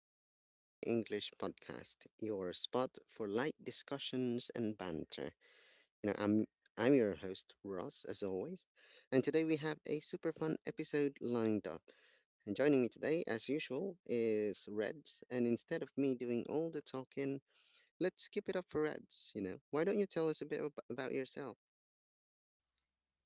back to the Pinoy English Podcast, your spot for light discussions and banter. You know, I'm I'm your host Ross, as always, and today we have a super fun episode lined up. And joining me today, as usual, is Reds. And instead of me doing all the talking, let's skip it up for Reds. You know, why don't you tell us a bit about yourself?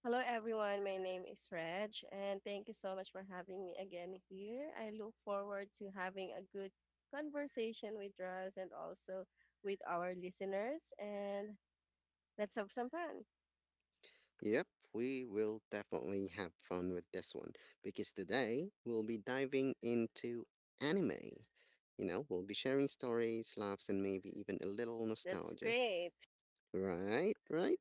Hello, everyone. My name is Reg, and thank you so much for having me again here. I look forward to having a good conversation with Russ and also with our listeners, and let's have some fun. Yep, we will definitely have fun with this one because today we'll be diving into anime. You know, we'll be sharing stories, laughs, and maybe even a little That's nostalgia. great. Right, right.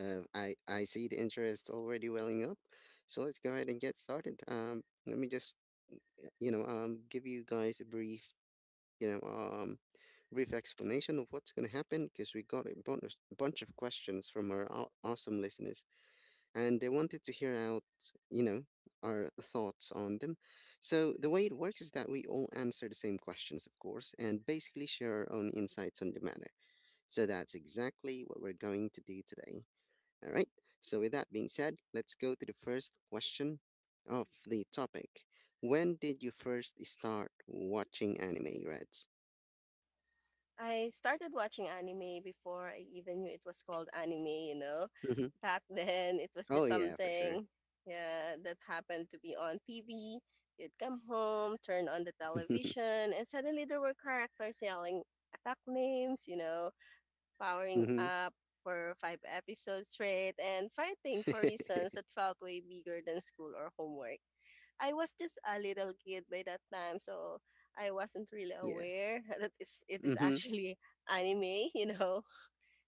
I see the interest already welling up, so let's go ahead and get started. Let me just give you guys a brief you know um brief explanation of what's gonna happen because we got a bunch of questions from our awesome listeners and they wanted to hear out, you know, our thoughts on them. So the way it works is that we all answer the same questions, of course, and basically share our own insights on the matter. So that's exactly what we're going to do today. All right. So with that being said, let's go to the first question of the topic. When did you first start watching anime, Reds? I started watching anime before I even knew it was called anime. Hmm. Back then, it was Oh just yeah, for sure. something. Yeah, that happened to be on TV. You'd come home, turn on the television, and suddenly there were characters yelling attack names, powering hmm. up for five episodes straight and fighting for reasons that felt way bigger than school or homework. I was just a little kid by that time, so I wasn't really yeah. aware that it is Hmm. actually anime. You know,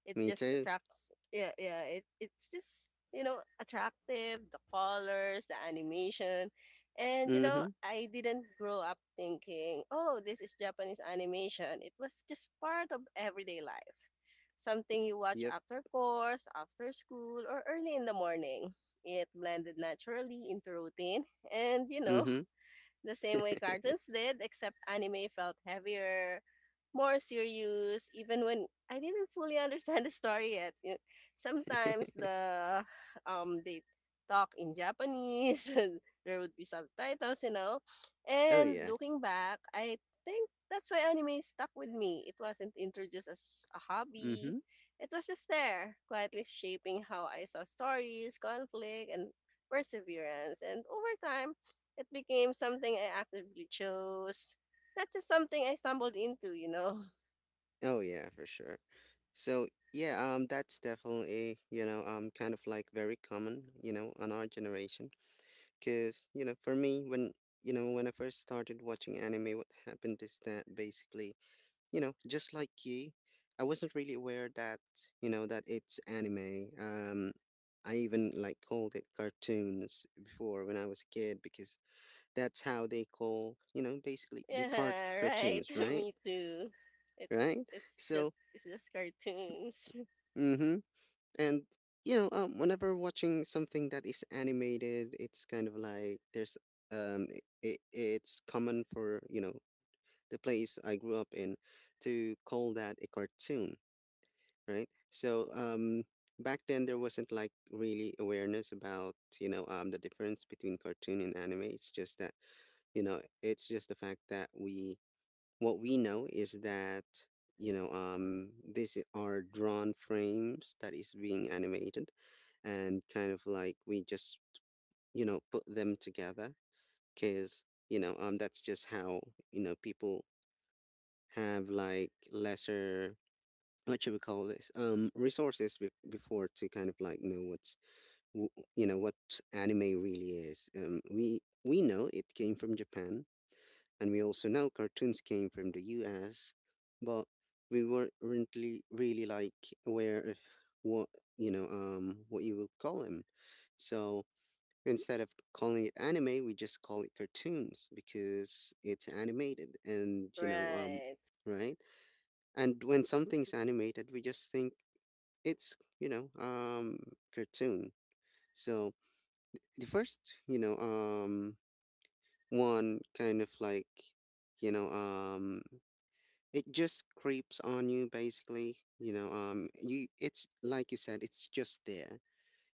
it Me just too. attracts. Yeah, yeah. It's just attractive. The colors, the animation, and Hmm. I didn't grow up thinking, oh, this is Japanese animation. It was just part of everyday life, something you watch Yep. After school, or early in the morning. It blended naturally into routine and Hmm. the same way cartoons did, except anime felt heavier, more serious, even when I didn't fully understand the story yet. Sometimes the they talk in Japanese and there would be subtitles. oh And yeah. looking back, I think that's why anime stuck with me. It wasn't introduced as a hobby. Mm-hmm. It was just there, quietly shaping how I saw stories, conflict, and perseverance. And over time, it became something I actively chose, not just something I stumbled into. Oh yeah, for sure. So yeah, that's definitely kind of like very common you know on our generation because you know for me when you know when I first started watching anime, what happened is that basically you know just like you, I wasn't really aware that you know that it's anime. I even like called it cartoons before when I was a kid because that's how they call you know basically the Yeah, right. cartoons, right? Me too. It's Right? it's just So, it's just cartoons. mm-hmm. And whenever watching something that is animated, it's kind of like there's um, it's common for you know the place I grew up in to call that a cartoon, right? So, back then there wasn't like really awareness about you know the difference between cartoon and anime. It's just that you know it's just the fact that we what we know is that, these are drawn frames that is being animated and kind of like we just, you know, put them together because, you know, that's just how, you know, people have like lesser, what should we call this? Resources before to kind of like know what's, w- you know, what anime really is. We know it came from Japan and we also know cartoons came from the US, but we weren't really, really like aware of what you know, what you would call them. So instead of calling it anime, we just call it cartoons because it's animated, and you know, Right. right? And when something's animated, we just think it's you know, cartoon. So the first, you know, one kind of like, you know, it just creeps on you basically you know you it's like you said, it's just there,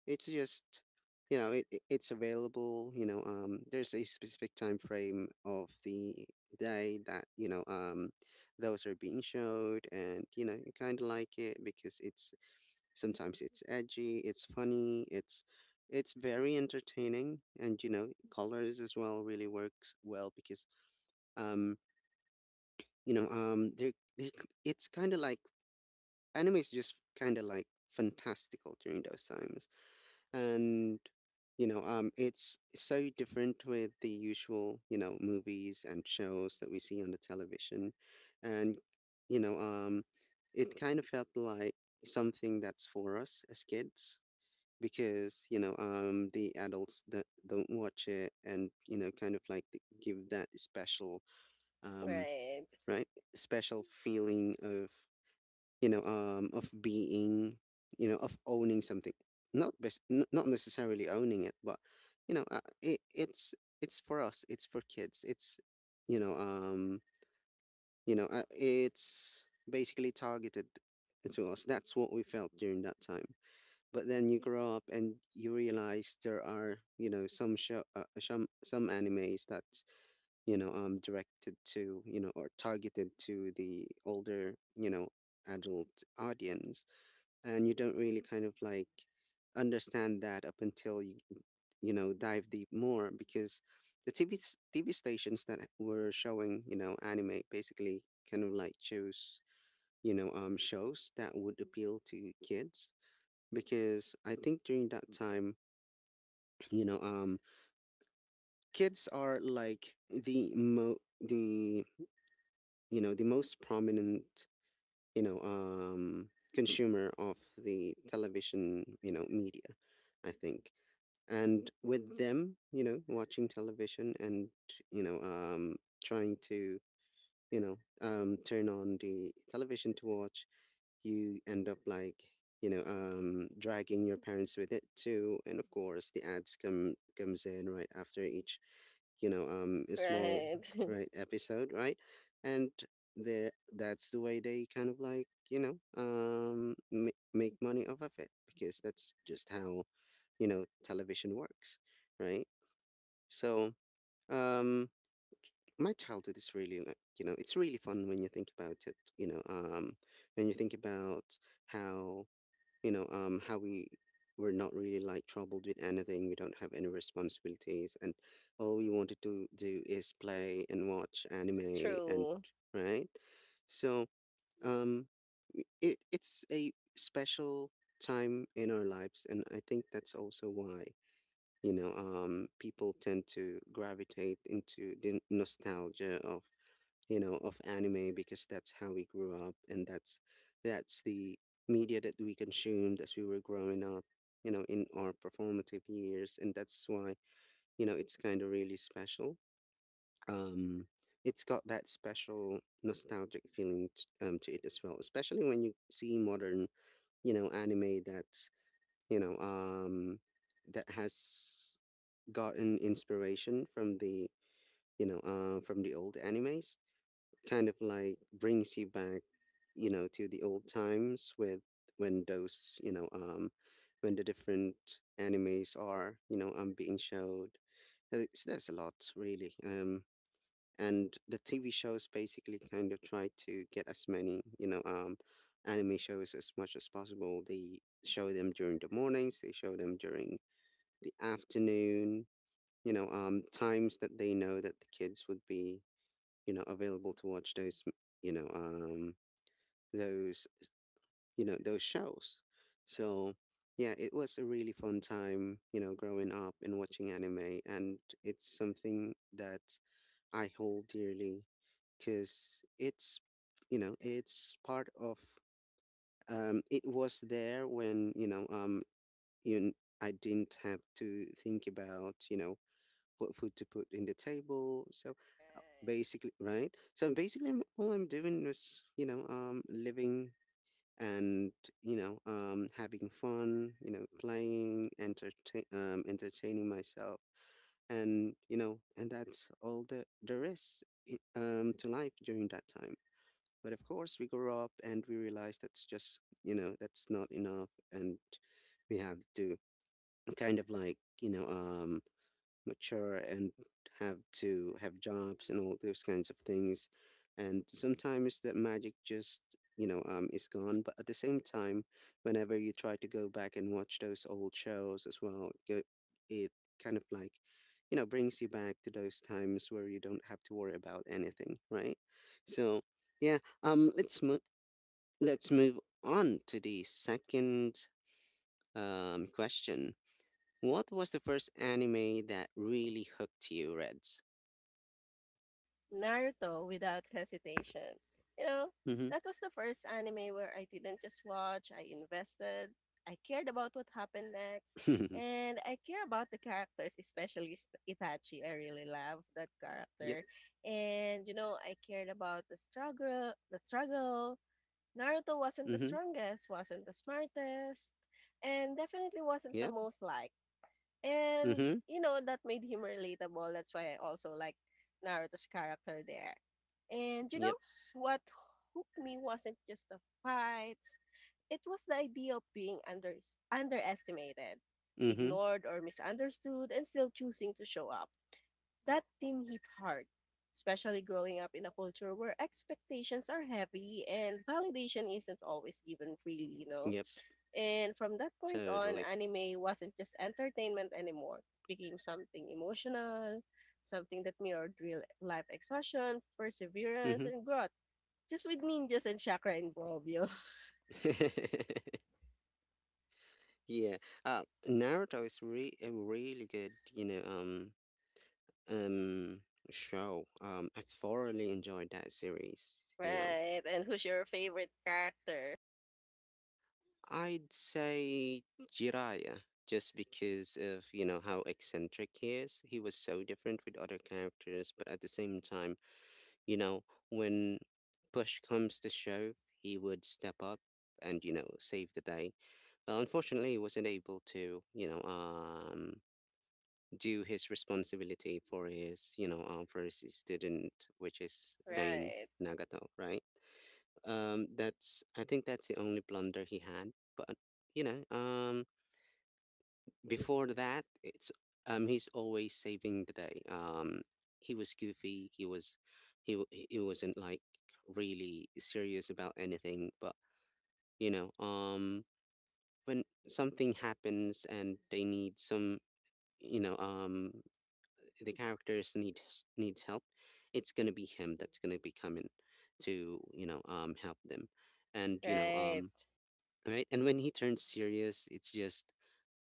it's just you know it's available you know there's a specific time frame of the day that you know those are being showed, and you know you kind of like it because it's sometimes it's edgy, it's funny, it's very entertaining, and you know colors as well really works well because um you know they're it's kind of like anime is just kind of like fantastical during those times, and you know it's so different with the usual you know movies and shows that we see on the television, and you know it kind of felt like something that's for us as kids because you know the adults that don't watch it and you know kind of like give that special um Right. right special feeling of you know of being you know of owning something, not bes- n- not necessarily owning it, but you know uh, it, it's it's for us, it's for kids, it's you know um you know it's basically targeted to us, that's what we felt during that time. But then you grow up and you realize there are you know some show some animes that's you know directed to you know or targeted to the older you know adult audience, and you don't really kind of like understand that up until you know dive deep more because the TV stations that were showing you know anime basically kind of like chose you know shows that would appeal to kids because I think during that time you know kids are like the mo the you know the most prominent you know consumer of the television you know media, I think. And with them, you know, watching television and, you know, trying to, you know, turn on the television to watch, you end up like you know dragging your parents with it too, and of course the ads comes in right after each you know a small Right. right episode right, and there that's the way they kind of like you know make money off of it because that's just how you know television works, right? So um my childhood is really like you know it's really fun when you think about it, you know when you think about how you know how we were not really like troubled with anything, we don't have any responsibilities, and all we wanted to do is play and watch anime, and True. right so um it it's a special time in our lives, and I think that's also why you know people tend to gravitate into the nostalgia of you know of anime because that's how we grew up and that's the media that we consumed as we were growing up, you know in our performative years, and that's why you know it's kind of really special. Um, it's got that special nostalgic feeling to it as well, especially when you see modern you know anime that's you know that has gotten inspiration from the from the old animes, kind of like brings you back, you know, to the old times with when those, you know, when the different animes are, you know, being showed. There's a lot really. And the TV shows basically kind of try to get as many, you know, anime shows as much as possible. They show them during the mornings. They show them during the afternoon. You know, times that they know that the kids would be you know, available to watch those, you know, those, you know, those shows. So yeah, it was a really fun time, you know, growing up and watching anime, and it's something that I hold dearly because it's, you know, it's part of. It was there when you know, you I didn't have to think about you know what food to put in the table. So Right. basically right, so basically all I'm doing is you know living, and you know having fun, you know playing entertaining myself, and you know and that's all the there is to life during that time. But of course we grow up and we realize that's just you know that's not enough, and we have to kind of like you know mature and have to have jobs and all those kinds of things. And sometimes that magic just, you know, is gone. But at the same time, whenever you try to go back and watch those old shows as well, it kind of like, you know, brings you back to those times where you don't have to worry about anything, right? So, yeah, um, let's mo- let's move on to the second question. What was the first anime that really hooked you, Reds? Naruto without hesitation. You know, Mm-hmm. that was the first anime where I didn't just watch, I invested, I cared about what happened next, and I care about the characters, especially Itachi. I really love that yep. character. And you know, I cared about the struggle. Naruto wasn't the Mm-hmm. strongest, wasn't the smartest, and definitely wasn't the Yep. most liked. And Mm-hmm. you know, that made him relatable. That's why I also like Naruto's character there. And you know, Yep. what hooked me wasn't just the fights. It was the idea of being underestimated, Mm-hmm. ignored or misunderstood and still choosing to show up. That theme hit hard, especially growing up in a culture where expectations are heavy and validation isn't always given freely, you know, Yep. and from that point on, Totally. anime wasn't just entertainment anymore. It became something emotional, something that mirrored real life exhaustion, perseverance, Mm-hmm. and growth. Just with ninjas and chakra involved, yo. yeah. Naruto is a really good, you know, um, show. I thoroughly enjoyed that series. You know, Right. And who's your favorite character? I'd say Jiraiya. Just because of you know how eccentric he is, he was so different with other characters, but at the same time you know, when push comes to shove, he would step up and, you know, save the day. Well, unfortunately, he wasn't able to, you know, do his responsibility for his, you know, for his student, which is Pain Right. Nagato, right? That's, I think that's the only blunder he had. But, you know, um, before that, it's he's always saving the day. He was goofy. He wasn't like really serious about anything. But you know, um, when something happens and they need you know, um, the characters need needs help. It's gonna be him that's gonna be coming to help them, and, Right. Right. And when he turns serious, it's just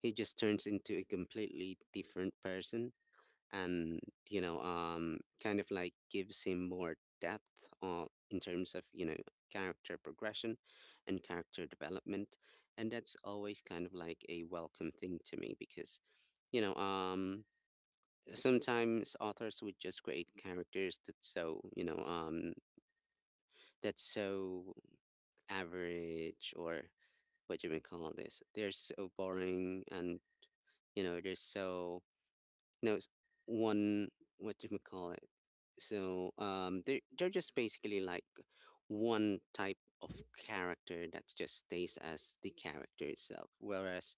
he just turns into a completely different person, and kind of like gives him more depth, in terms of character progression and character development, and that's always kind of like a welcome thing to me, because you know um sometimes authors would just create characters that's so average, or what you may call this, they're so boring, and they're so... No, it's one, what do you call it? So they're just basically like one type of character that just stays as the character itself. Whereas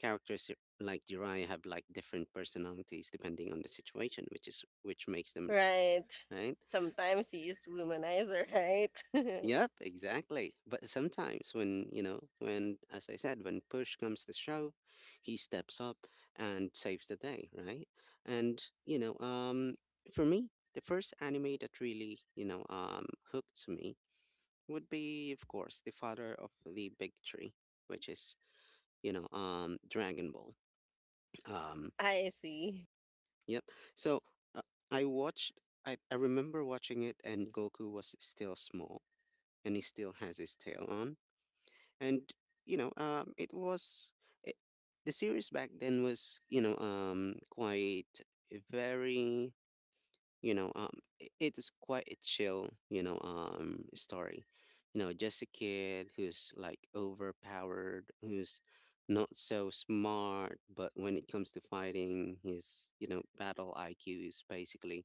characters like Jiraiya have like different personalities depending on the situation, which makes them... Right. right. Sometimes he is womanizer, right? Yep, exactly. But sometimes, when, you know, when, as I said, when push comes to shove, he steps up and saves the day, right? And, for me, the first anime that really, hooked me would be, of course, the father of the big tree, which is, Dragon Ball. Um, I see. yep. So uh, I watched, I remember watching it, and Goku was still small, and he still has his tail on. And you know um it was it, the series back then was, quite, very, you know um it is quite a chill, story, just a kid who's like overpowered, who's not so smart, but when it comes to fighting, his battle IQ is basically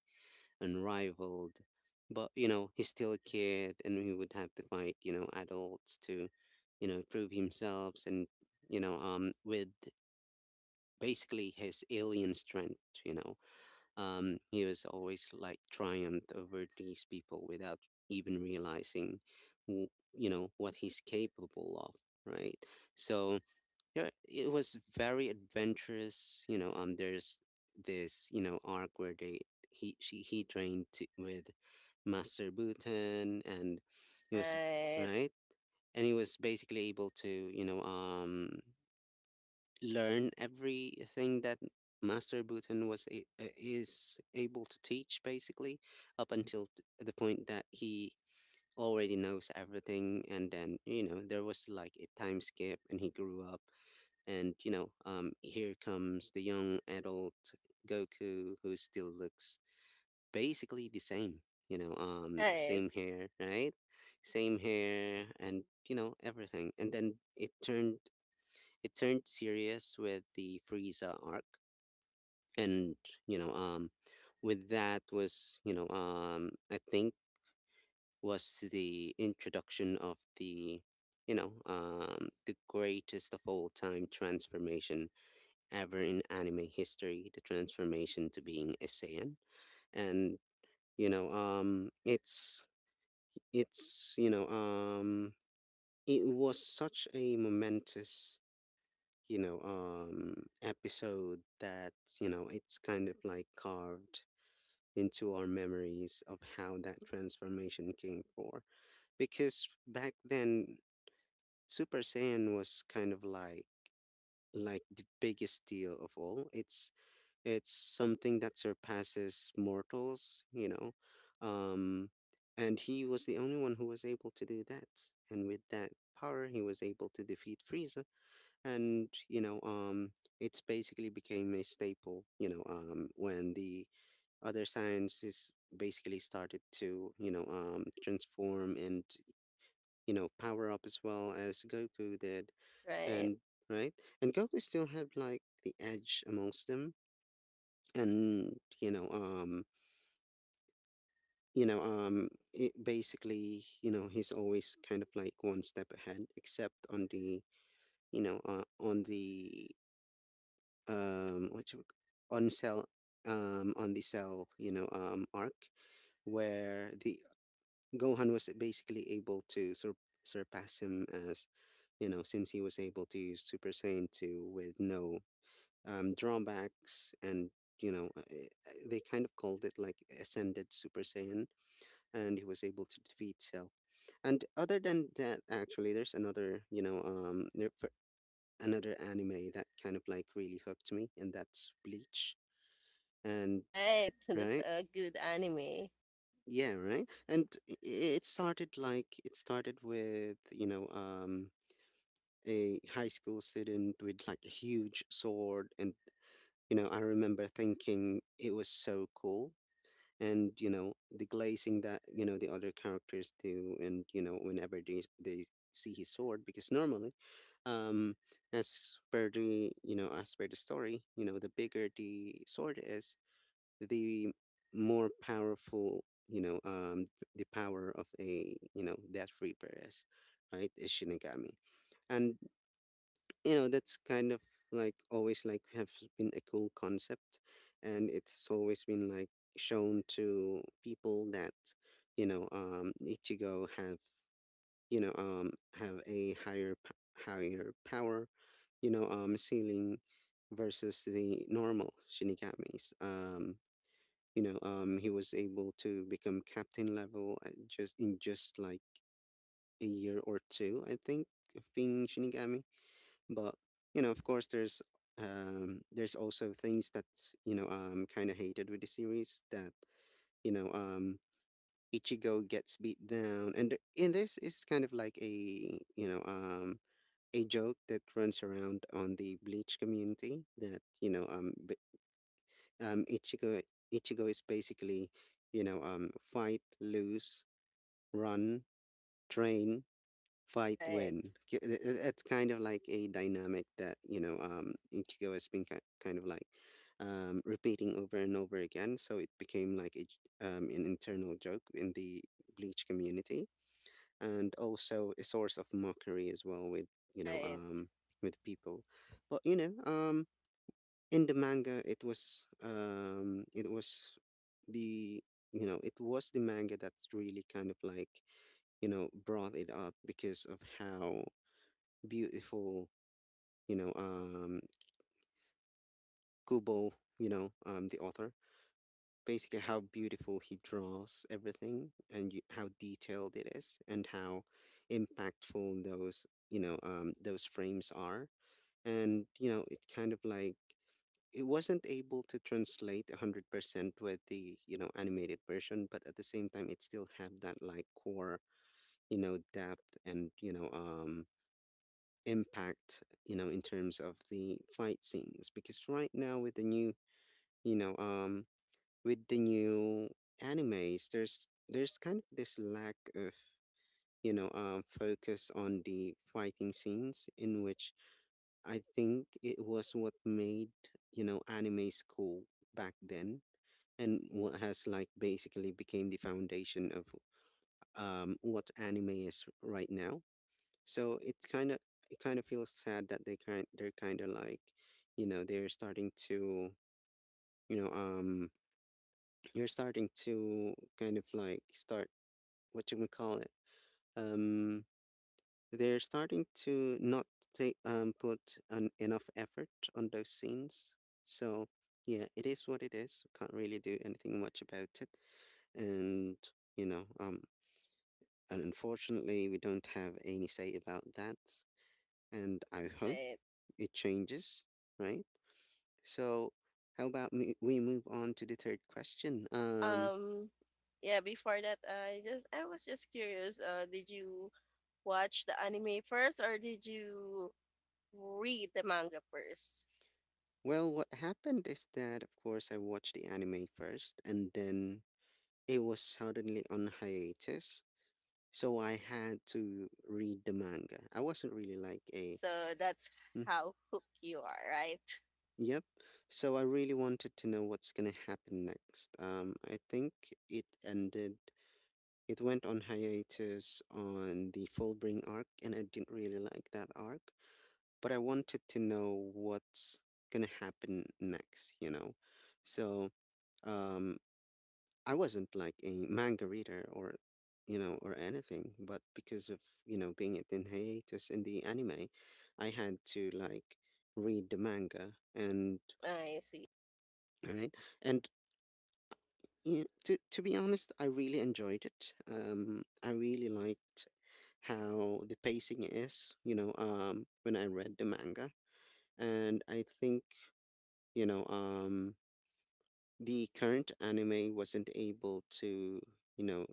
unrivaled. But he's still a kid, and he would have to fight adults to, prove himself, and, with basically his alien strength. He was always like triumphed over these people without even realizing, w- what he's capable of. Right. So yeah, it was very adventurous. There's this, arc where they he she he trained to, with Master Bhutan, and he was Right. right. And he was basically able to learn everything that Master Bhutan is able to teach, basically, up until the point that he already knows everything. And then there was like a time skip and he grew up, and, here comes the young adult Goku, who still looks basically the same, Right. same hair, right? Same hair and, everything. And then it turned serious with the Frieza arc. And, you know, um, with that was, I think, was the introduction of the greatest of all time transformation ever in anime history, the transformation to being a Saiyan. And, you know, um it's it's, you know, um it was such a momentous, episode, that, it's kind of like carved into our memories of how that transformation came for. Because back then Super Saiyan was kind of like the biggest deal of all. It's something that surpasses mortals. Um, and he was the only one who was able to do that. And with that power, he was able to defeat Frieza. And, it's basically became a staple, when the other sciences basically started to, transform, and, power up as well as Goku did. Right. And, right? And Goku still had like the edge amongst them, and it basically, he's always kind of like one step ahead, except on the you know on the what you on cell on the cell arc, where the Gohan was basically able to surpass him, as you know since he was able to use Super Saiyan 2 with no drawbacks, and they kind of called it like ascended Super Saiyan, and he was able to defeat Cell. And other than that, actually, there's another, another anime that kind of like really hooked me, and that's Bleach. And Right. That's right, a good anime. yeah, right. And it started with a high school student with like a huge sword, and I remember thinking it was so cool, and the glazing that the other characters do, and whenever they see his sword. Because normally, um as per the story, the bigger the sword is, the more powerful, the power of a, death reaper is, right, is shinigami. And that's kind of like always like have been a cool concept, and it's always been like shown to people that Ichigo have you know have a higher higher power, ceiling versus the normal shinigamis. He was able to become captain level at just in just like a year or two, I think, of being shinigami. But, of course, there's, also things that kind of hated with the series, that you know um Ichigo gets beat down, and and this is kind of like a you know a joke that runs around on the Bleach community, that um Ichigo Ichigo is basically, fight, lose, run, train, fight, Right. win. It's kind of like a dynamic that Ichigo has been kind of like, repeating over and over again. So it became like an internal joke in the Bleach community, and also a source of mockery as well, you know Right. um, with people. But in the manga, the it was the manga that's really kind of like, brought it up, because of how beautiful, you know, um, Kubo, the author, basically how beautiful he draws everything, and you, how detailed it is, and how impactful those frames are. And, it kind of like, it wasn't able to translate 100% with the, animated version, but at the same time, it still have that like core, depth, and, impact, in terms of the fight scenes. Because right now with the new, you know, with the new animes, there's kind of this lack of, focus on the fighting scenes, in which I think it was what made, animes cool back then, and what has like basically became the foundation of, what anime is right now. So it kind of feels sad that, they're kind of like, they're starting to, you know um you're starting to kind of like start, what you would call it, um they're starting to not take put enough effort on those scenes. So yeah, it is what it is. Can't really do anything much about it, and you know and unfortunately we don't have any say about that. And I hope Right. it changes, right? So, how about me, we move on to the third question? Um yeah, before that I was just curious, did you watch the anime first or did you read the manga first? Well, what happened is that, of course, I watched the anime first, and then it was suddenly on hiatus. So I had to read the manga. I wasn't really like a, So that's "Hmm," how hooked you are, right? yep. So I really wanted to know what's gonna happen next. I think it ended it went on hiatus on the Fullbring arc, and I didn't really like that arc. But I wanted to know what's gonna happen next, you know? So um, I wasn't like a manga reader, or anything, but because of, being it in hiatus in the anime, I had to like read the manga, and, I see. right? And yeah, to be honest, I really enjoyed it. I really liked how the pacing is, when I read the manga. And I think, you know um the current anime wasn't able to... you know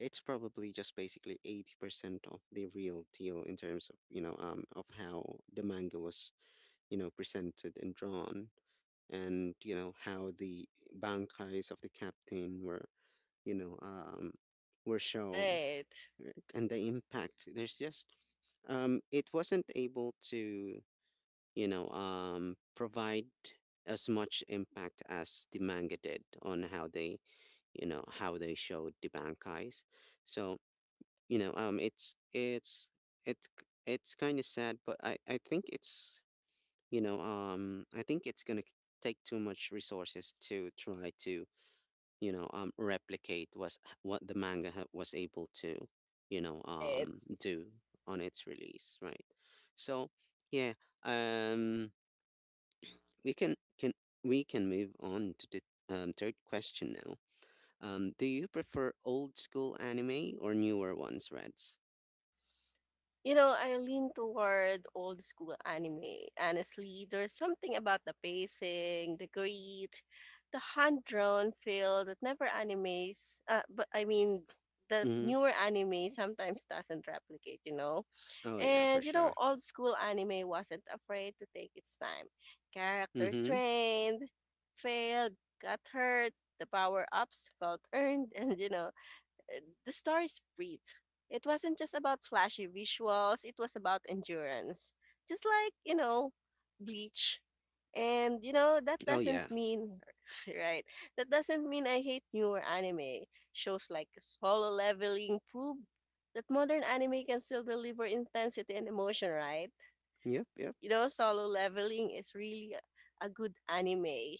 it's probably just basically 80% of the real deal in terms of, of how the manga was, presented and drawn, and how the bankais of the captain were you know were shown, Right. right? And the impact, there's just it wasn't able to provide as much impact as the manga did on how they showed the bankais. So, you know, um, it's it's it's kind of sad, but I think it's gonna take too much resources to try to replicate was what the manga was able to Right. Do on its release, right? So yeah, um we can move on to the third question now. Do you prefer old school anime or newer ones, Reds? You know, I lean toward old school anime. Honestly, there's something about the pacing, the grit, the hand-drawn feel that never animes. But I mean, that Mm-hmm. newer anime sometimes doesn't replicate. You know, Oh yeah, for and you know, sure. old school anime wasn't afraid to take its time. Characters Mm-hmm. trained, failed, got hurt. The power ups felt earned, and you know, the stars breathed. It wasn't just about flashy visuals, it was about endurance. Just like, you know, Bleach. And, you know, that Oh doesn't yeah. mean, right? That doesn't mean I hate newer anime. Shows like Solo Leveling prove that modern anime can still deliver intensity and emotion, right? Yep. Yep. You know, Solo Leveling is really a good anime.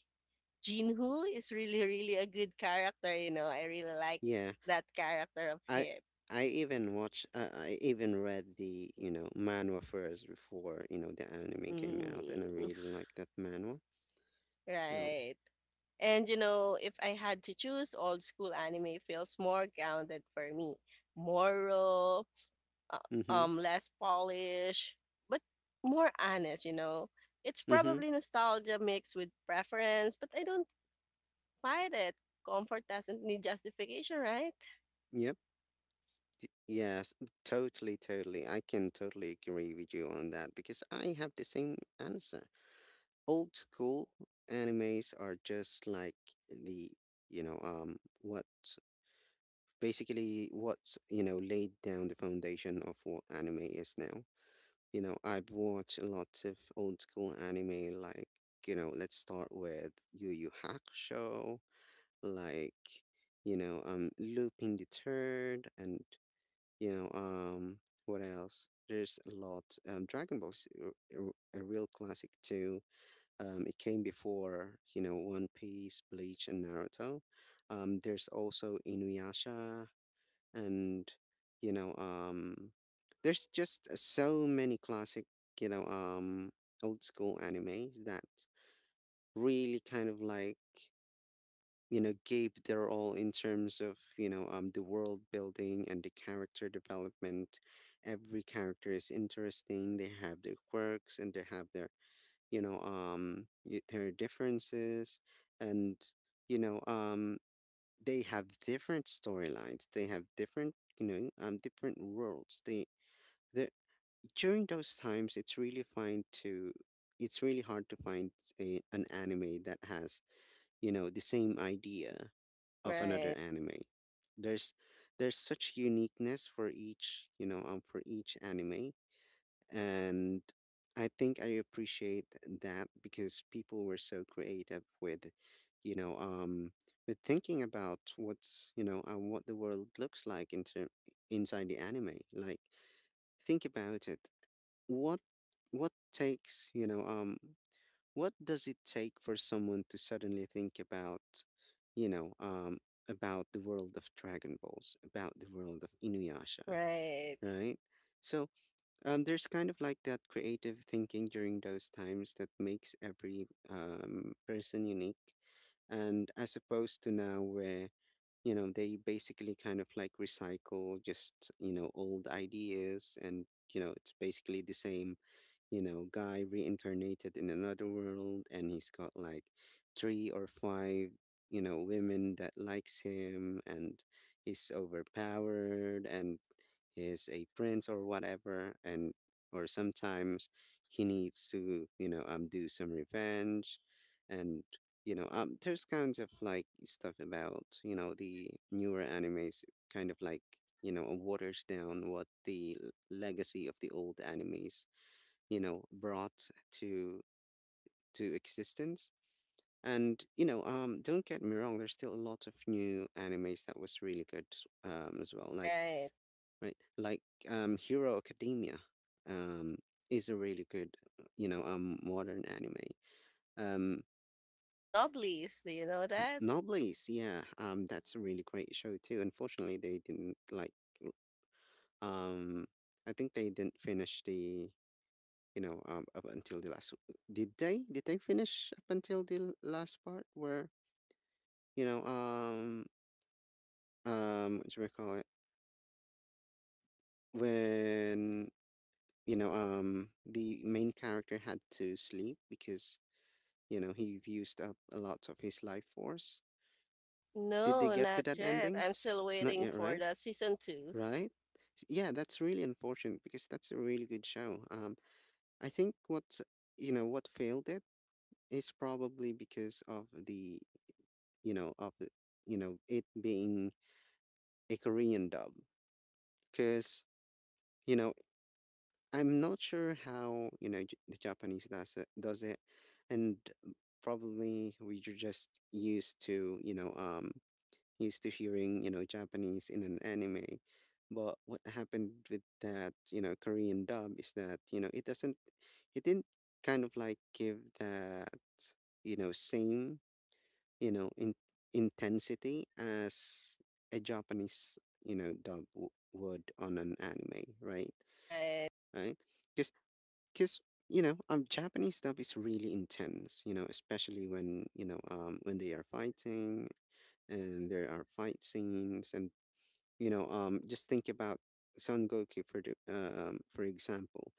Jinhu is really, really a good character, you know. I really like Yeah. that character of I him. I even read the manhwa first before the anime came out, and I Mm, really like that manhwa. So. right. And you know, if I had to choose, old school anime feels more grounded for me, more raw, uh, Mm-hmm. Less polished, but more honest. You know, it's Mm-hmm. probably nostalgia mixed with preference, but I don't fight it. Comfort doesn't need justification, right? Yep. Yes, totally, totally, I can totally agree with you on that because I have the same answer. Old school animes are just like the you know what basically what's laid down the foundation of what anime is now. You know, I've watched lots of old school anime, like, let's start with Yu Yu Hakusho, like, Lupin the Third, and, you know, um, what else? There's a lot. Dragon Ball's a real classic too. It came before, One Piece, Bleach, and Naruto. There's also Inuyasha, and you know um there's just so many classic you know um old school anime that really kind of like gave their all in terms of the world building and the character development. Every character is interesting. They have their quirks and they have their differences. And you know um they have different storylines. They have different worlds. They, the During those times, it's really hard to find an anime that has, the same idea of another Right. anime. There's, there's such uniqueness for each anime, and I think I appreciate that because people were so creative you know, um, with thinking about what the world looks like inside the anime. Like, think about it. What what takes, you know, um, what does it take for someone to suddenly think about, you know, um, about the world of Dragon Balls, about the world of Inuyasha, Right. right? So. There's kind of like that creative thinking during those times that makes every person unique. And as opposed to now, where, they basically kind of like recycle just, old ideas, and, it's basically the same guy reincarnated in another world, and he's got like three or five, women that likes him, and he's overpowered, and he's a prince or whatever, and or sometimes he needs to, do some revenge, and there's kinds of like stuff about, the newer animes kind of like waters down what the legacy of the old animes brought to existence. And don't get me wrong, there's still a lot of new animes that was really good as well, like. Right. Right. Like hero academia um is a really good modern anime. um Noblies, do you know that? Noblis, yeah, that's a really great show too. Unfortunately, they didn't like, um, I think they didn't finish the, up until the last. Did they? Did they finish up until the last part where, You know, um, what do we call it? When, the main character had to sleep because, he used up a lot of his life force. Did they No, get to not that yet. ending? I'm still Not waiting yet, for right? the season two. Right? Yeah, that's really unfortunate because that's a really good show. I think what failed it is probably because of you know, of the, it being a Korean dub. Because, you know, I'm not sure how the Japanese does it, and probably we are just used to hearing Japanese in an anime, but what happened with that Korean dub is that it didn't kind of like give that same you know in, intensity as a Japanese dub would on an anime, right? Right. Right. Because Japanese stuff is really intense, especially when you know when they are fighting, and there are fight scenes, and just think about Son Goku for for example,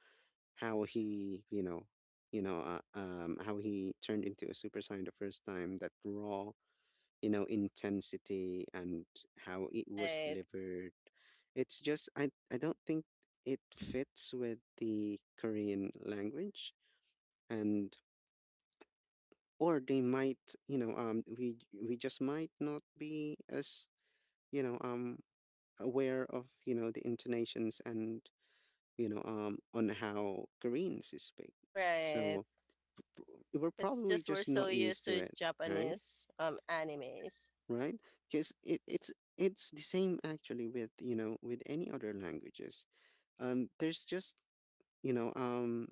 how he you know how he turned into a super saiyan the first time. That raw, intensity and how it was Right. delivered, it's just I don't think it fits with the Korean language. And or they might you know we just might not be as you know um aware of the intonations and on how Koreans speak. Right. So, p- we're It's probably just we're just so not used used to to it. Right. Japanese animes. Right. Because it's the same actually with you know with any other languages. There's just you know um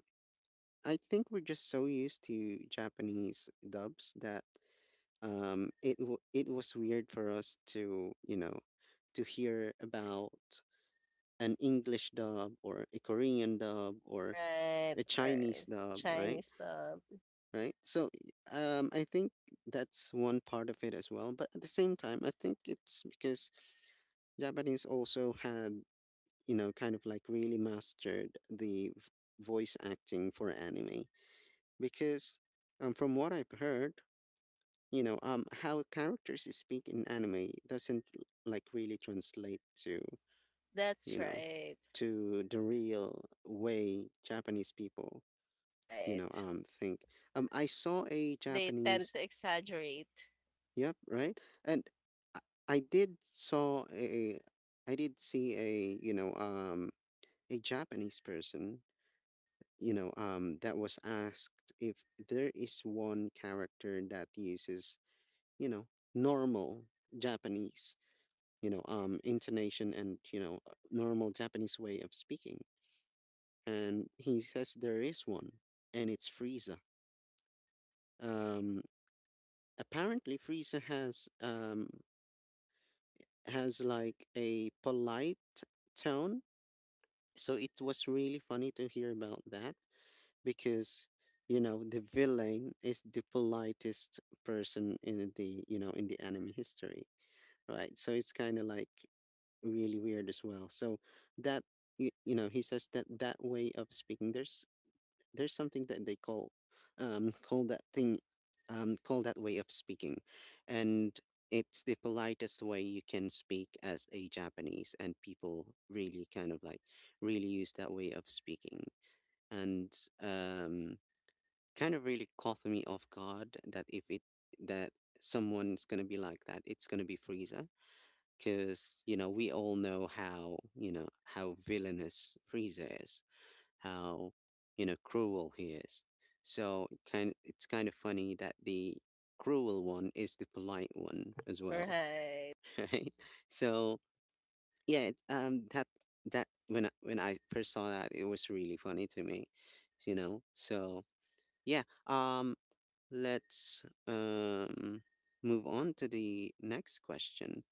I think we're just so used to Japanese dubs that it was weird for us to hear about an English dub or a Korean dub or Right. a Or Chinese dub, right? Chinese stuff. Right. So, I think that's one part of it as well, but at the same time I think it's because Japanese also had kind of like really mastered the voice acting for anime. Because from what I've heard, how characters speak in anime doesn't like really translate to That's you know right. to the real way Japanese people Right. Think. I saw a They tend japanese to exaggerate. Yep, right. And i, I did saw a I did see a a Japanese person, you know that was asked if there is one character that uses you know normal Japanese intonation and, normal Japanese way of speaking. And he says there is one, and it's Frieza. Um, Apparently, Frieza has like a polite tone. So it was really funny to hear about that because the villain is the politest person in the you know in the anime history, right? So it's kind of like really weird as well. So that you know, he says that that way of speaking, there's something that they um call that thing call that way of speaking, and it's the politest way you can speak as a Japanese, and people really kind of like really use that way of speaking, and um kind of really caught me off guard that if it that someone's gonna be like that, it's gonna be Frieza, because we all know how you know how villainous Frieza is, how cruel he is. So it's kind of funny that the cruel one is the polite one as well, Right. right? So yeah, it, that that when I first saw that, it was really funny to me. So yeah, let's move on to the next question.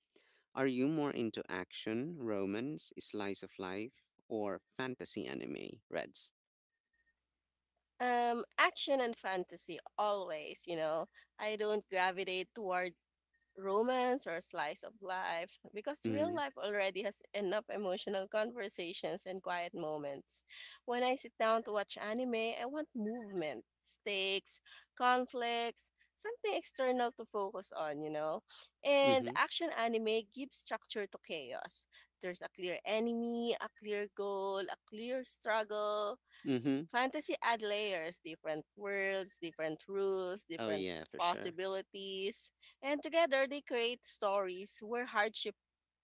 Are you more into action, romance, slice of life, or fantasy anime, Reds? Action and fantasy always, you know. I don't gravitate toward romance or slice of life because real Mm-hmm. life already has enough emotional conversations and quiet moments. When I sit down to watch anime, I want movement, stakes, conflicts, something external to focus on, you know. And Mm-hmm. action anime gives structure to chaos. There's a clear enemy, a clear goal, a clear struggle. Mm-hmm. Fantasy add layers, different worlds, different rules, Oh different yeah, for sure. possibilities, and together they create stories where hardship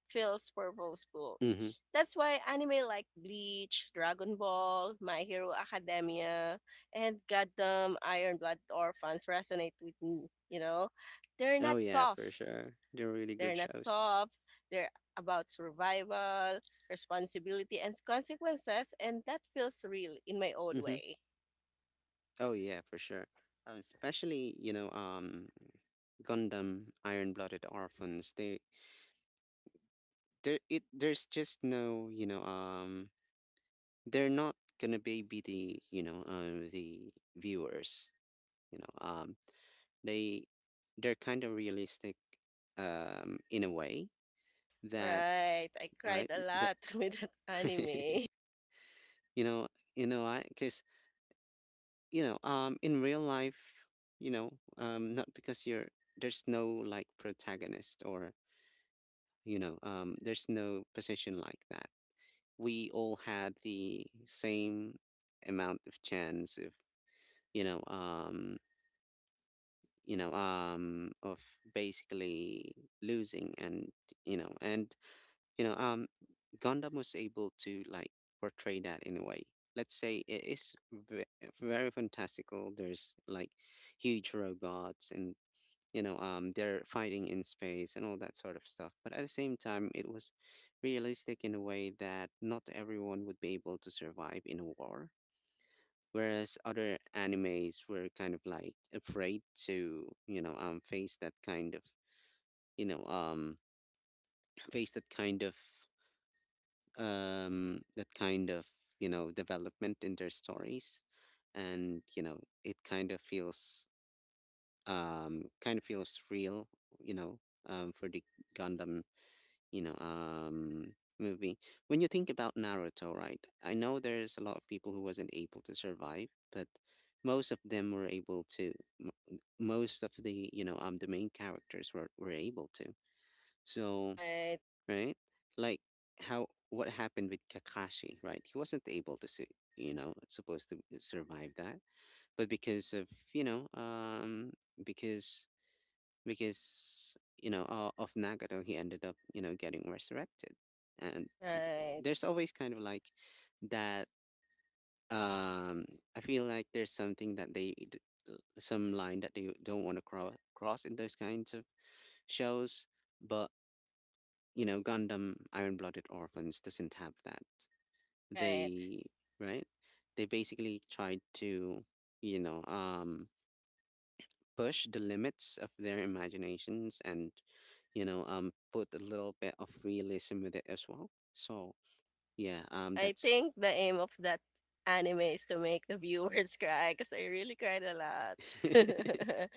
feels purposeful. Mm-hmm. That's why anime like Bleach, Dragon Ball, My Hero Academia, and Goddamn Iron Blood Orphans resonate with me, you know? They're Oh not yeah, for soft. sure. They're really They're good not shows. soft. They're about survival, responsibility, and consequences, and that feels real in my own Mm-hmm. way. Oh yeah, for sure. Especially, Gundam, Iron Blooded Orphans. They there it There's just no, they're not gonna baby the viewers, you know. Um they they're kind of realistic in a way that Right. I cried right a lot with that the- anime. you know you know I because you know in real life, you know not because you're— there's no like protagonist or, there's no position like that. We all had the same amount of chance of, you know um of basically losing. And you know and you know um gundam was able to like portray that in a way. Let's say it is very fantastical. There's like huge robots and, they're fighting in space and all that sort of stuff, but at the same time it was realistic in a way that not everyone would be able to survive in a war, whereas other animes were kind of like afraid to, face that kind of— you know um face that kind of— that kind of, development in their stories. And it kind of feels— kind of feels real, you know, for the Gundam, movie. When you think about Naruto, right? I know there's a lot of people who wasn't able to survive, but most of them were able to. m- Most of the the main characters were able to. So, Right. right? Like, how, what happened with Kakashi, right? He wasn't able to supposed to survive that, but because of, you know because because you know of Nagato, he ended up getting resurrected, and Right. there's always kind of like that. Um, I feel like there's something that some line that they don't want to cross in those kinds of shows. But, you know, Gundam Iron Blooded Orphans doesn't have that. Right. They— right? They basically tried to, you know, um push the limits of their imaginations and, put a little bit of realism with it as well. So yeah, I that's— think the aim of that anime is to make the viewers cry because I really cried a lot.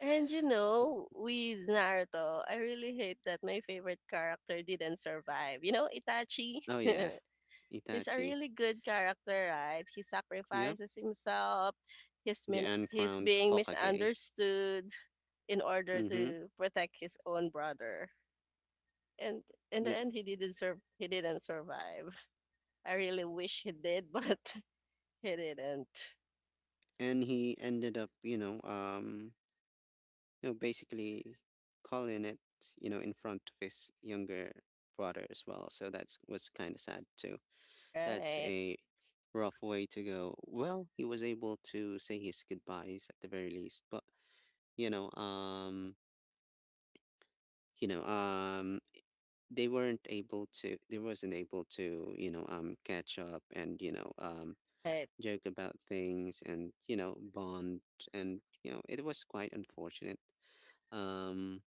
And you know, with Naruto, I really hate that my favorite character didn't survive. You know, Itachi? oh yeah, He's a Itachi. really good character, right? He Yep. sacrifices himself. He's, The he's uncrowned being Hokage. misunderstood in order Mm-hmm. to protect his own brother. And in the Yep. end, he didn't survive. I really wish he did, but he didn't. And he ended up, basically calling it, you know, in front of his younger brother as well. So that's was kind of sad too. That's Right, a rough way to go. Well, he was able to say his goodbyes at the very least, but, you know, um, you know, um, they weren't able to. They wasn't able to, catch up and, right, joke about things and, bond and, it was quite unfortunate. Um,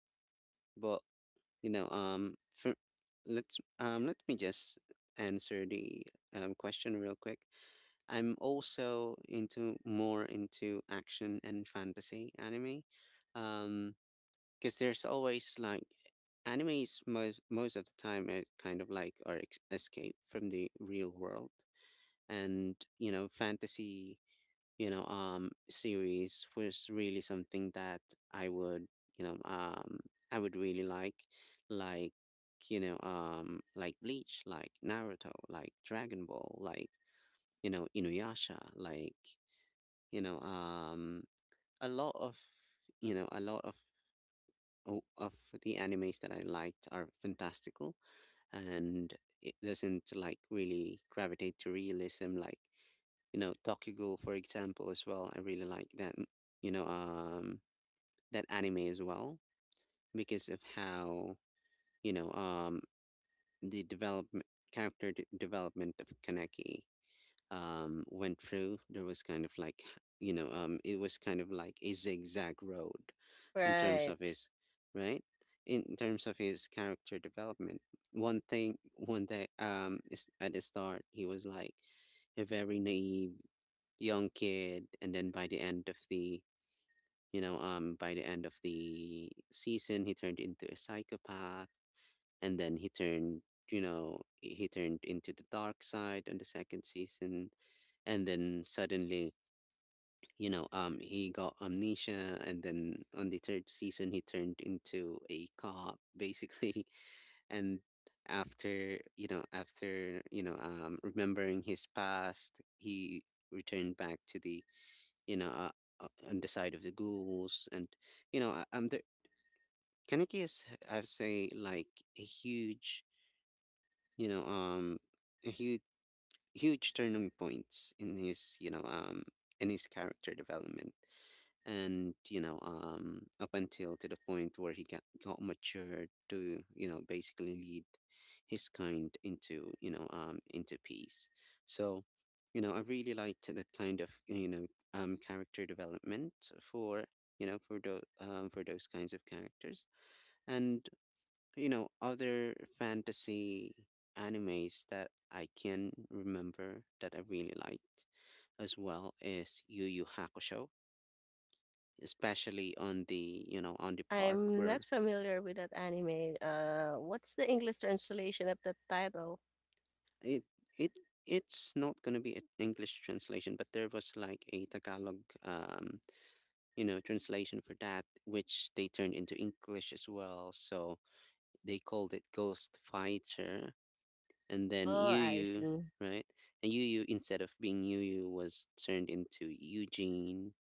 but for— let me just answer the question real quick. I'm also into— more into action and fantasy anime, um because there's always like— animes most of the time are kind of like our escape from the real world. And, fantasy, series was really something that I would, you know um I would really like— like, like Bleach, like Naruto, like Dragon Ball, like, Inuyasha, like, you know um a lot of— a lot of of the animes that I liked are fantastical, and it doesn't like really gravitate to realism. Like, you know, Tokyo Ghoul for example as well, I really like that— you know um that anime as well, because of how, you know um the development— character development of Kaneki went through. There was kind of like, it was kind of like a zigzag road in terms of right. his— right, in terms of his character development. One thing, one day, is, at the start he was like a very naive young kid, and then by the end of the, by the end of the season, he turned into a psychopath. And then he turned— he turned into the dark side on the second season. And then suddenly, he got amnesia. And then on the third season he turned into a cop basically, and after, remembering his past, he returned back to the, you know, uh, on the side of the ghouls. And, there— Kaneki is, I would say, like a huge, you know, um, a huge, huge turning points in his, in his character development. And, up until to the point where he got matured to, you know, basically lead his kind into, into peace. So, I really liked that kind of, character development for, for those, for those kinds of characters. And, other fantasy animes that I can remember that I really liked as well is Yu Yu Hakusho, especially on the, on the part I'm not where familiar with that anime. What's the English translation of that title? it it it's not going to be an English translation, but there was like a Tagalog, translation for that, which they turned into English as well. So they called it Ghost Fighter. And then Oh, Yu I Yu— see. right, and Yu Yu, instead of being Yu Yu, was turned into Eugene.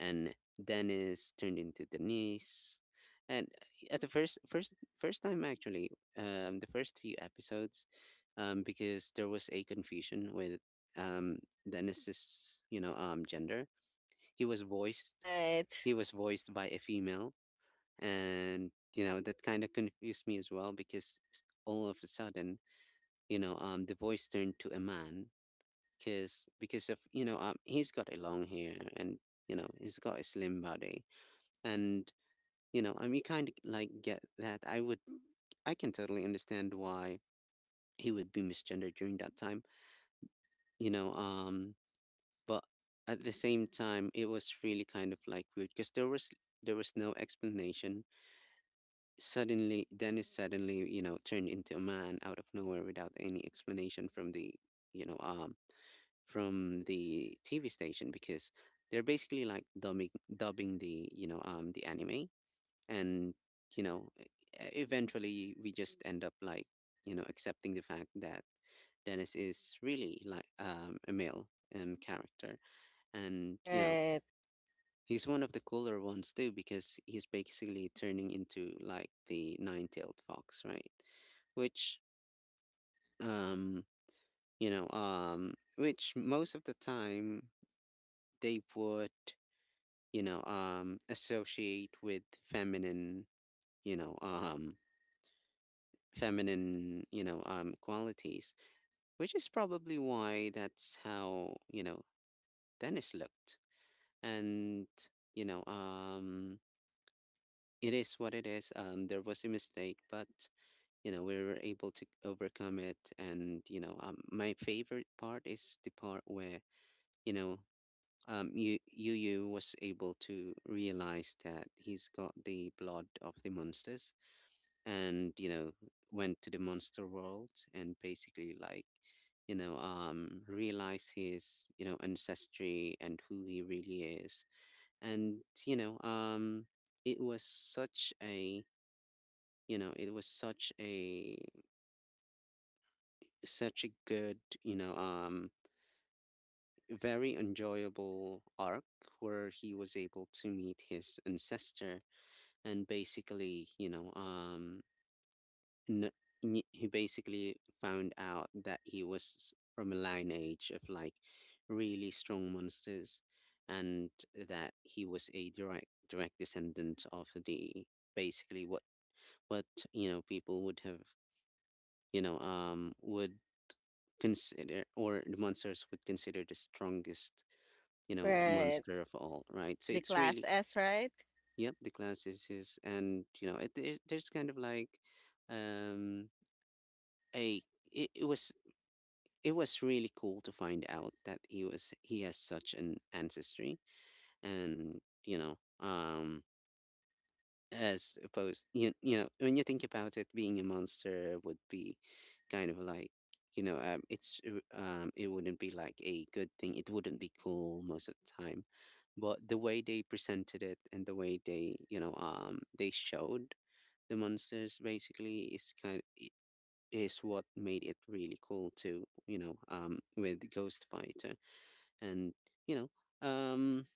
And Dennis turned into Denise. And at the first time, actually, the first few episodes, because there was a confusion with, um Dennis's, gender. He was voiced— Right, he was voiced by a female. And you know, that kind of confused me as well, because all of a sudden, the voice turned to a man, because of, he's got a long hair and, he's got a slim body. And, I mean, kind of like get that— I would— I can totally understand why he would be misgendered during that time, you know um but at the same time it was really kind of like weird, because there was no explanation. Suddenly Dennis suddenly, you know, turned into a man out of nowhere without any explanation from the, you know um from the TV station, because they're basically like dubbing the, the anime. And, you know e- eventually we just end up like, accepting the fact that Dennis is really like, a male, character. And, you know, right, he's one of the cooler ones too, because he's basically turning into like the nine-tailed fox, right? Which, um, which most of the time they would, associate with feminine, you know um, feminine, qualities, which is probably why that's how, you know, Dennis looked. And, you know, um, it is what it is. There was a mistake, but, you know, we were able to overcome it. And, my favorite part is the part where, you know, Yu Yu was able to realize that he's got the blood of the monsters. And, went to the monster world and basically like, realize his, ancestry and who he really is. And, you know um it was such a— it was such a— such a good, very enjoyable arc, where he was able to meet his ancestor. And basically, you know N n he basically found out that he was from a lineage of like really strong monsters, and that he was a direct descendant of the— basically what— what you know, people would have, would consider, or the monsters would consider, the strongest, right. monster of all, right? So The it's class really— S, right? yep, the class is his. And you know it, there's— kind of like, um a— it was— it was really cool to find out that he was— he has such an ancestry. And, you know um as opposed— you know, when you think about it, being a monster would be kind of like, it wouldn't be like a good thing, it wouldn't be cool most of the time. But the way they presented it, and the way they, they showed the monsters basically, is kind— is what made it really cool too, you know, with Ghost Fighter. And, you know, um,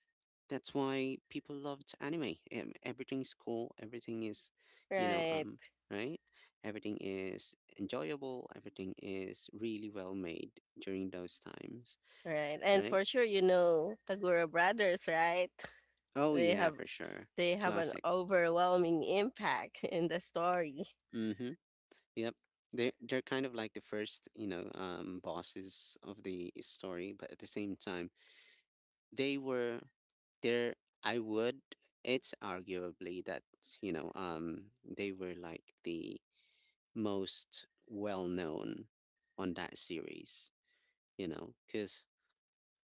that's why people loved anime. Everything's cool, everything is, you know, Right, um, right? Everything is enjoyable, everything is really well made during those times, right. And right? for sure, you know Tagura Brothers, right? Oh, They yeah, have for sure. they have an Classic. overwhelming impact in the story. Mm-hmm. Yep. They're— they're kind of like the first, bosses of the story, but at the same time, they were— there— I would— it's arguably that, they were like the most well known on that series, you know, because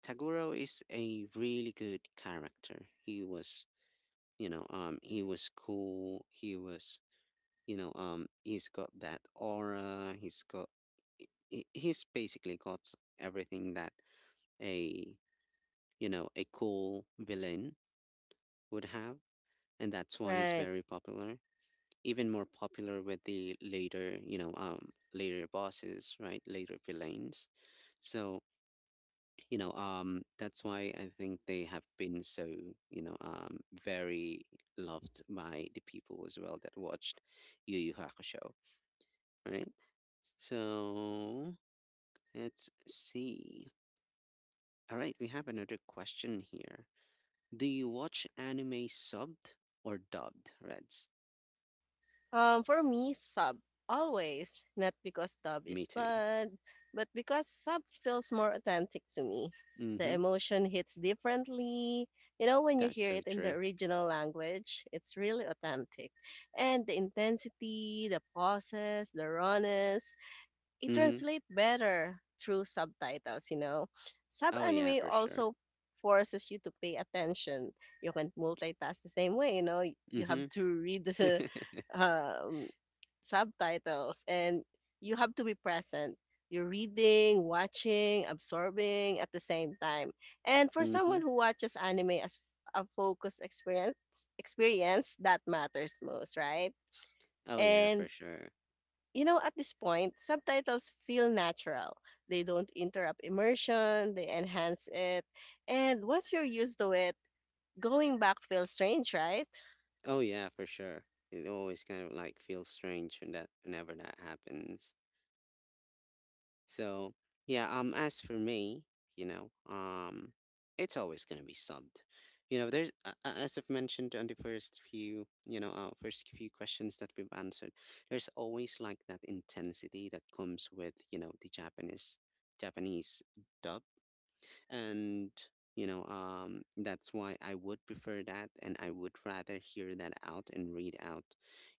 Taguro is a really good character. He was, he was cool, he was, he's got that aura, he's got— he's basically got everything that a, a cool villain would have, and that's why he's Right. very popular. Even more popular with the later, later bosses, right? Later villains. So, that's why I think they have been so, you know, um, very loved by the people as well that watched Yu Yu Hakusho, right? So let's see. All right, we have another question here. Do you watch anime subbed or dubbed, Reds? For me, sub always, not because dub Me is too. bad, but because sub feels more authentic to me. The Mm-hmm. emotion hits differently. You know, when you That's hear so it in the true. original language, it's really authentic. And the intensity, the pauses, the rawness, it Mm-hmm. translates better through subtitles, you know. Sub Oh yeah, anime for sure. also forces you to pay attention. You can multitask the same way, you know. You have Mm-hmm. to read the um, subtitles and you have to be present. You're reading, watching, absorbing at the same time. And for mm-hmm. someone who watches anime as a focused experience that matters most, right? Oh yeah, for And sure. you know, at this point, subtitles feel natural. They don't interrupt immersion, they enhance it. And once you're used to it, going back feels strange, right? Oh yeah, for sure. It always kind of like feels strange whenever that happens. So yeah, as for me, you know, um it's always gonna be subbed. You know, there's as I've mentioned on the first few, first few questions that we've answered, there's always like that intensity that comes with, you know, the Japanese dub. And that's why I would prefer that, and I would rather hear that out and read out,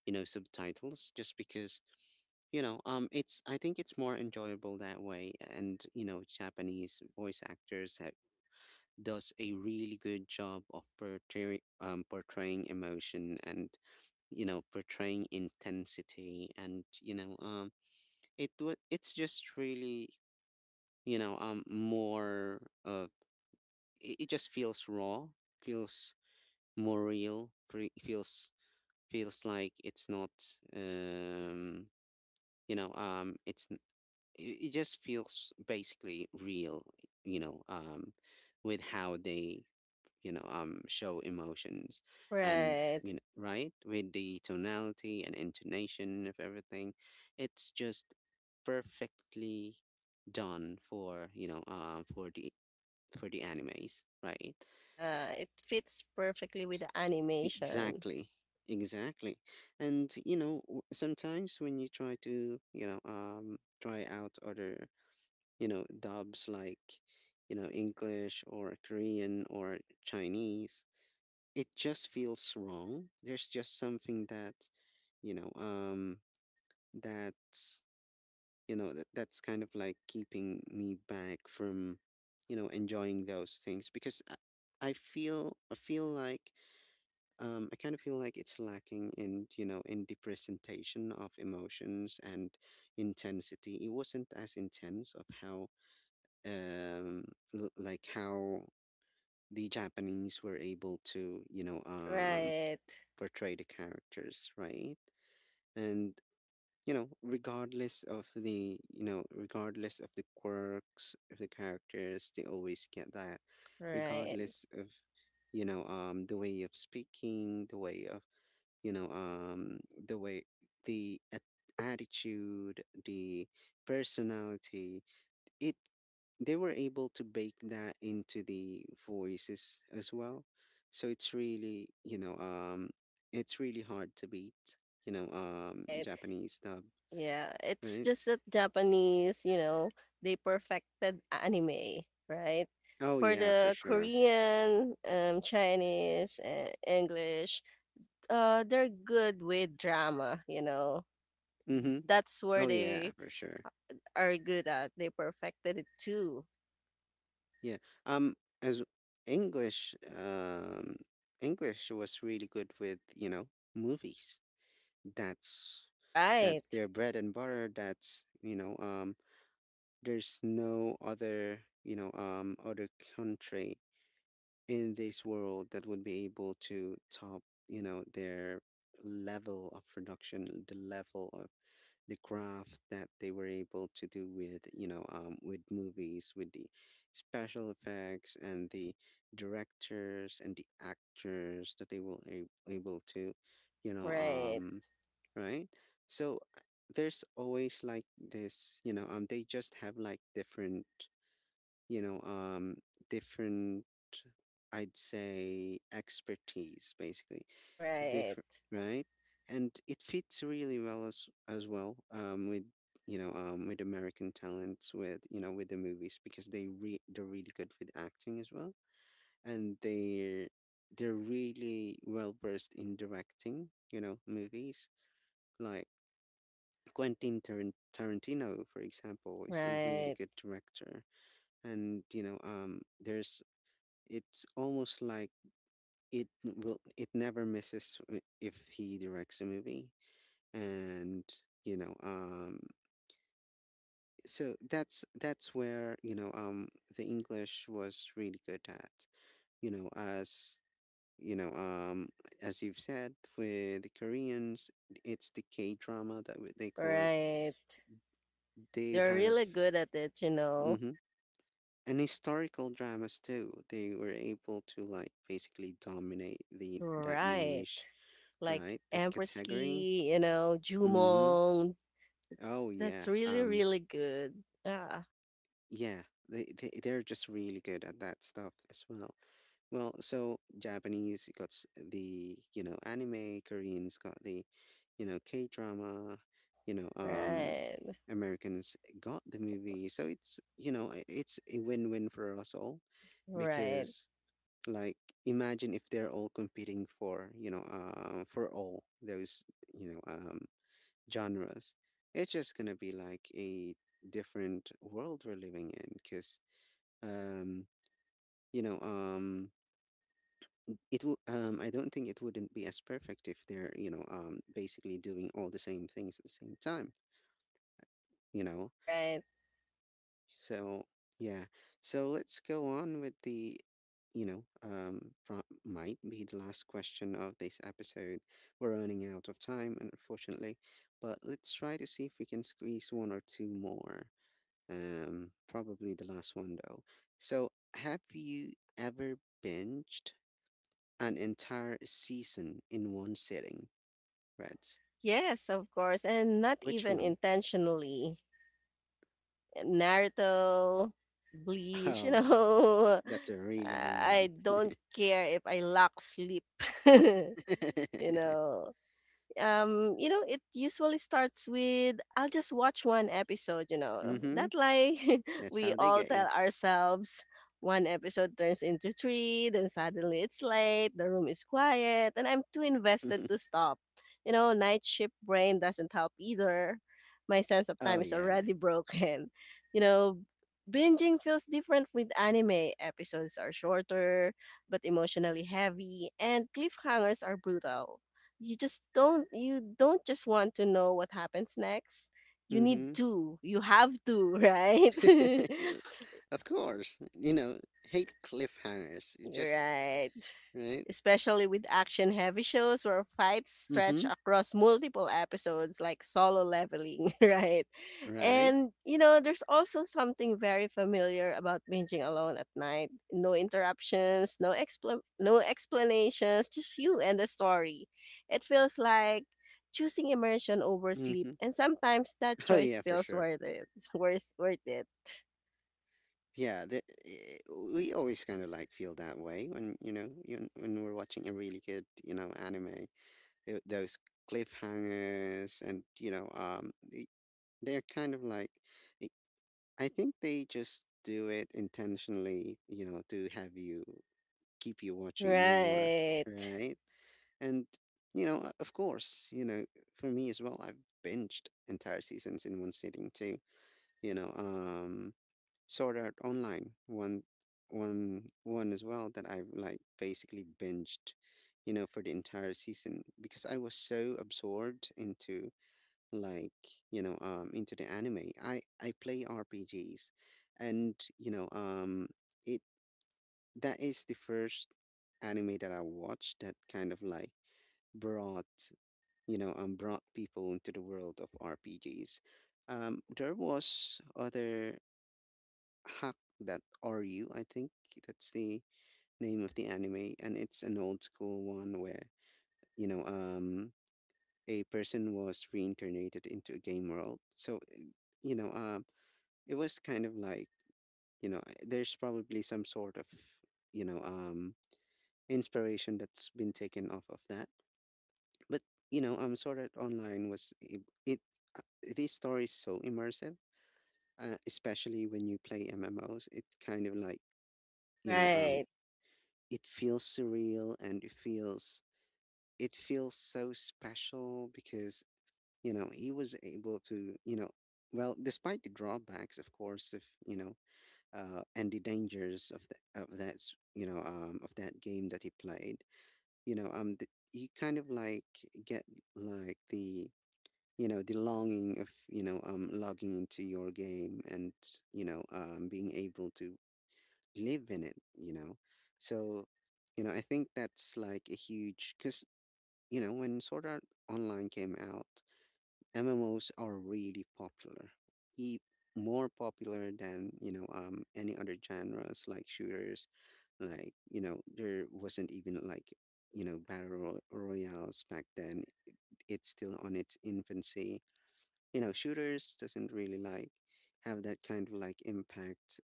you know, subtitles just because, it's, I think it's more enjoyable that way. And you know, Japanese voice actors have, does a really good job of portraying emotion and, you know, portraying intensity. And it's just really, more of, it just feels raw, feels more real, feels like it's not, um you know um it's n- it, it just feels basically real, you know, um, with how they, show emotions. And Right. you know, right, with the tonality and intonation of everything, it's just perfectly done for for the, for the animes, right? Yeah, it fits perfectly with the animation. Exactly. Exactly. And you know, sometimes when you try to, you know, try out other, you know, dubs, like, you know, English or Korean or Chinese, it just feels wrong. There's just something that, you know, um that's, you know, that, that's kind of like keeping me back from, you know, enjoying those things because I feel like, I kind of feel like it's lacking in, you know, in the presentation of emotions and intensity. It wasn't as intense of how, um, like how the Japanese were able to, you know, Right. portray the characters, right? And you know, regardless of the, you know, regardless of the quirks of the characters, they always get that. Right. Regardless of, you know, the way of speaking, the way of, the way, the at- attitude, the personality, it, they were able to bake that into the voices as well. So it's really, it's really hard to beat, Right. Japanese dub. Yeah, it's Right. just that Japanese, you know, they perfected anime, right? Oh For yeah, for the sure. Korean, Chinese, English, they're good with drama, you know. Mm-hmm. That's where Oh yeah, they for sure. are good at. They perfected it too. Yeah. um as english English was really good with, you know, movies. that's that's Right. their bread and butter. That's, there's no other, other country in this world that would be able to top, you know, their level of production, the level of the craft that they were able to do with, you know, um, with movies, with the special effects and the directors and the actors that they were able to, you know Right. um right? So there's always like this, you know, they just have like different, you know, different, I'd say, expertise, basically, Right. different, right? And it fits really well as well, with, you know, with American talents, with, you know, with the movies, because they're really good with acting as well, and they're really well versed in directing, you know, movies, like Quentin Tarantino, for example, is a really Right. good director. And you know, there's, it's almost like, it never misses, if he directs a movie. And you know, so that's where, you know, the English was really good at, you know, as, you know, as you've said, with the Koreans, it's the K drama that they call it. Right. They They're have. really good at it, you know. Mhm. And historical dramas too. They were able to like basically dominate the that Right. niche, Like right? That category. Ampersky, you know, Mm-hmm. Jumong. Oh yeah. That's really, really good. Ah, Yeah. They're just really good at that stuff as well. Well, so Japanese got the, you know, anime, Koreans got the, you know, K drama, you know um right. Americans got the movie. So it's, you know, it's a win win for us all, Right. because, like, imagine if they're all competing for, for all those, you know, genres. It's just gonna be like a different world we're living in, because, um, you know, I don't think it wouldn't be as perfect if they're, you know, basically doing all the same things at the same time, you know. Right. So yeah, so let's go on with the, you know, might be the last question of this episode. We're running out of time, unfortunately, but let's try to see if we can squeeze one or two more. Probably the last one though. So, have you ever binged an entire season in one sitting, Reds? Yes, of course, and not Which even one? intentionally. Naruto, Bleach, you Oh, know, that's a really long I one. don't care if I lack sleep. you know you know, it usually starts with, I'll just watch one episode, you know, Mm-hmm. that lie That's we how they all get you. tell ourselves. One episode turns into three, then suddenly it's late, the room is quiet, and I'm too invested to stop. You know, night shift brain doesn't help either. My sense of Oh time is yeah. already broken. You know, binging feels different with anime. Episodes are shorter but emotionally heavy, and cliffhangers are brutal. You don't just want to know what happens next. Mhm. You have to. Right. You're, of course. You know, hate cliffhangers. It's just Right, right. especially with action-heavy shows where fights stretch Mhm. across multiple episodes like Solo Leveling, right? Right. And, you know, there's also something very familiar about binging alone at night. No interruptions, no explanations, just you and the story. It feels like choosing immersion over sleep, Mhm. and sometimes that Oh choice yeah, for feels sure. worth it. Worth it. Yeah, the, eh, we always kind of like feel that way when, you know, you, when we're watching a really good, you know, anime. Eh, those cliffhangers and, you know, um, they're kind of like, eh, I think they just do it intentionally, you know, to have you, keep you watching more, Right. right? And, you know, of course, you know, for me as well, I've binged entire seasons in one sitting too. You know, Sword Art Online, one as well that I've like basically binged, you know, for the entire season because I was so absorbed into, like, you know, into the anime. I play RPGs, and you know, it, that is the first anime that I watched that kind of like brought, you know, brought people into the world of RPGs. There was other hack that RU, I think, that's the name of the anime, and it's an old school one where, you know, a person was reincarnated into a game world. So you know, it was kind of like, you know, there's probably some sort of, you know, inspiration that's been taken off of that. But, you know, Sword Art Online was it. Uh, this story is so immersive, especially when you play MMOs. It's kind of like, you know, Right. it feels surreal, and it feels so special, because, you know, he was able to, you know, well, despite the drawbacks, of course, of, you know, and the dangers of the of that you know, um, of that game that he played. You know, you kind of like get, like, the, you know, the longing of, you know, um, logging into your game, and, you know, um, being able to live in it, you know. So, you know, I think that's like a huge, because, you know, when Sword Art Online came out, MMOs are really popular, e- more popular than, you know, um, any other genres, like shooters. Like, you know, there wasn't even like, you know, battle royales back then. It's still on its infancy. You know, shooters doesn't really like have that kind of like impact,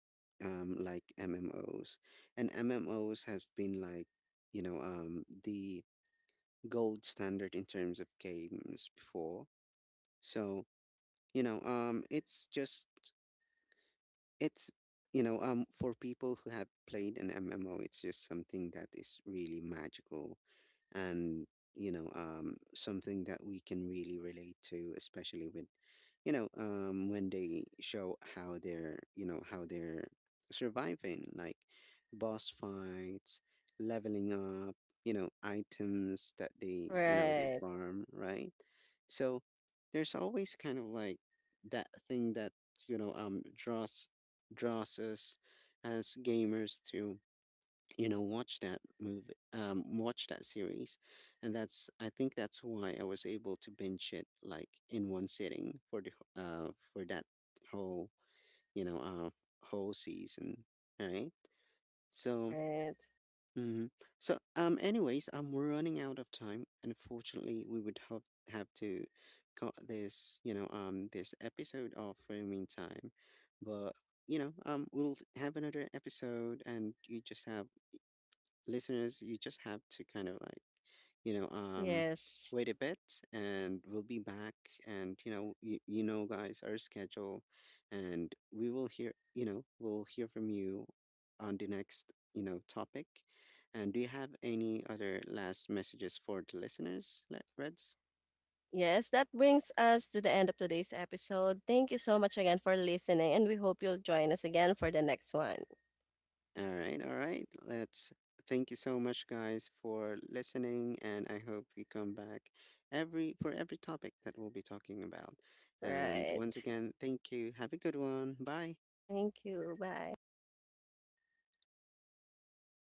um, like MMOs. And MMOs have been like, you know, um, the gold standard in terms of games before. So, you know, um, it's just, it's, you know, um, for people who have played an MMO, it's just something that is really magical. And, you know, um, something that we can really relate to, especially with, you know, um, when they show how they're, you know, how they're surviving, like, boss fights, leveling up, you know, items that they, you know, they Right. farm, right? So there's always kind of like that thing that, you know, um, draws, draws us as gamers to, you know, watch that movie, um, watch that series. And that's, I think that's why I was able to binge it, like, in one sitting, for the for that whole, you know, uh, whole season, right? So. Right. Hmm. So, anyways, I'm running out of time. Unfortunately, we would have to cut this, you know, this episode off for the meantime. But, you know, we'll have another episode, and you just have, listeners, you just have to kind of like, you know, Yes. wait a bit, and we'll be back. And, you know, you know, guys, our schedule. And we will hear, you know, we'll hear from you on the next, you know, topic. And do you have any other last messages for the listeners, Reds? Yes, that brings us to the end of today's episode. Thank you so much again for listening, and we hope you'll join us again for the next one. All right, all right. Let's, thank you so much, guys, for listening, and I hope we come back every for every topic that we'll be talking about. And once Right. again, thank you. Have a good one. Bye. Thank you. Bye.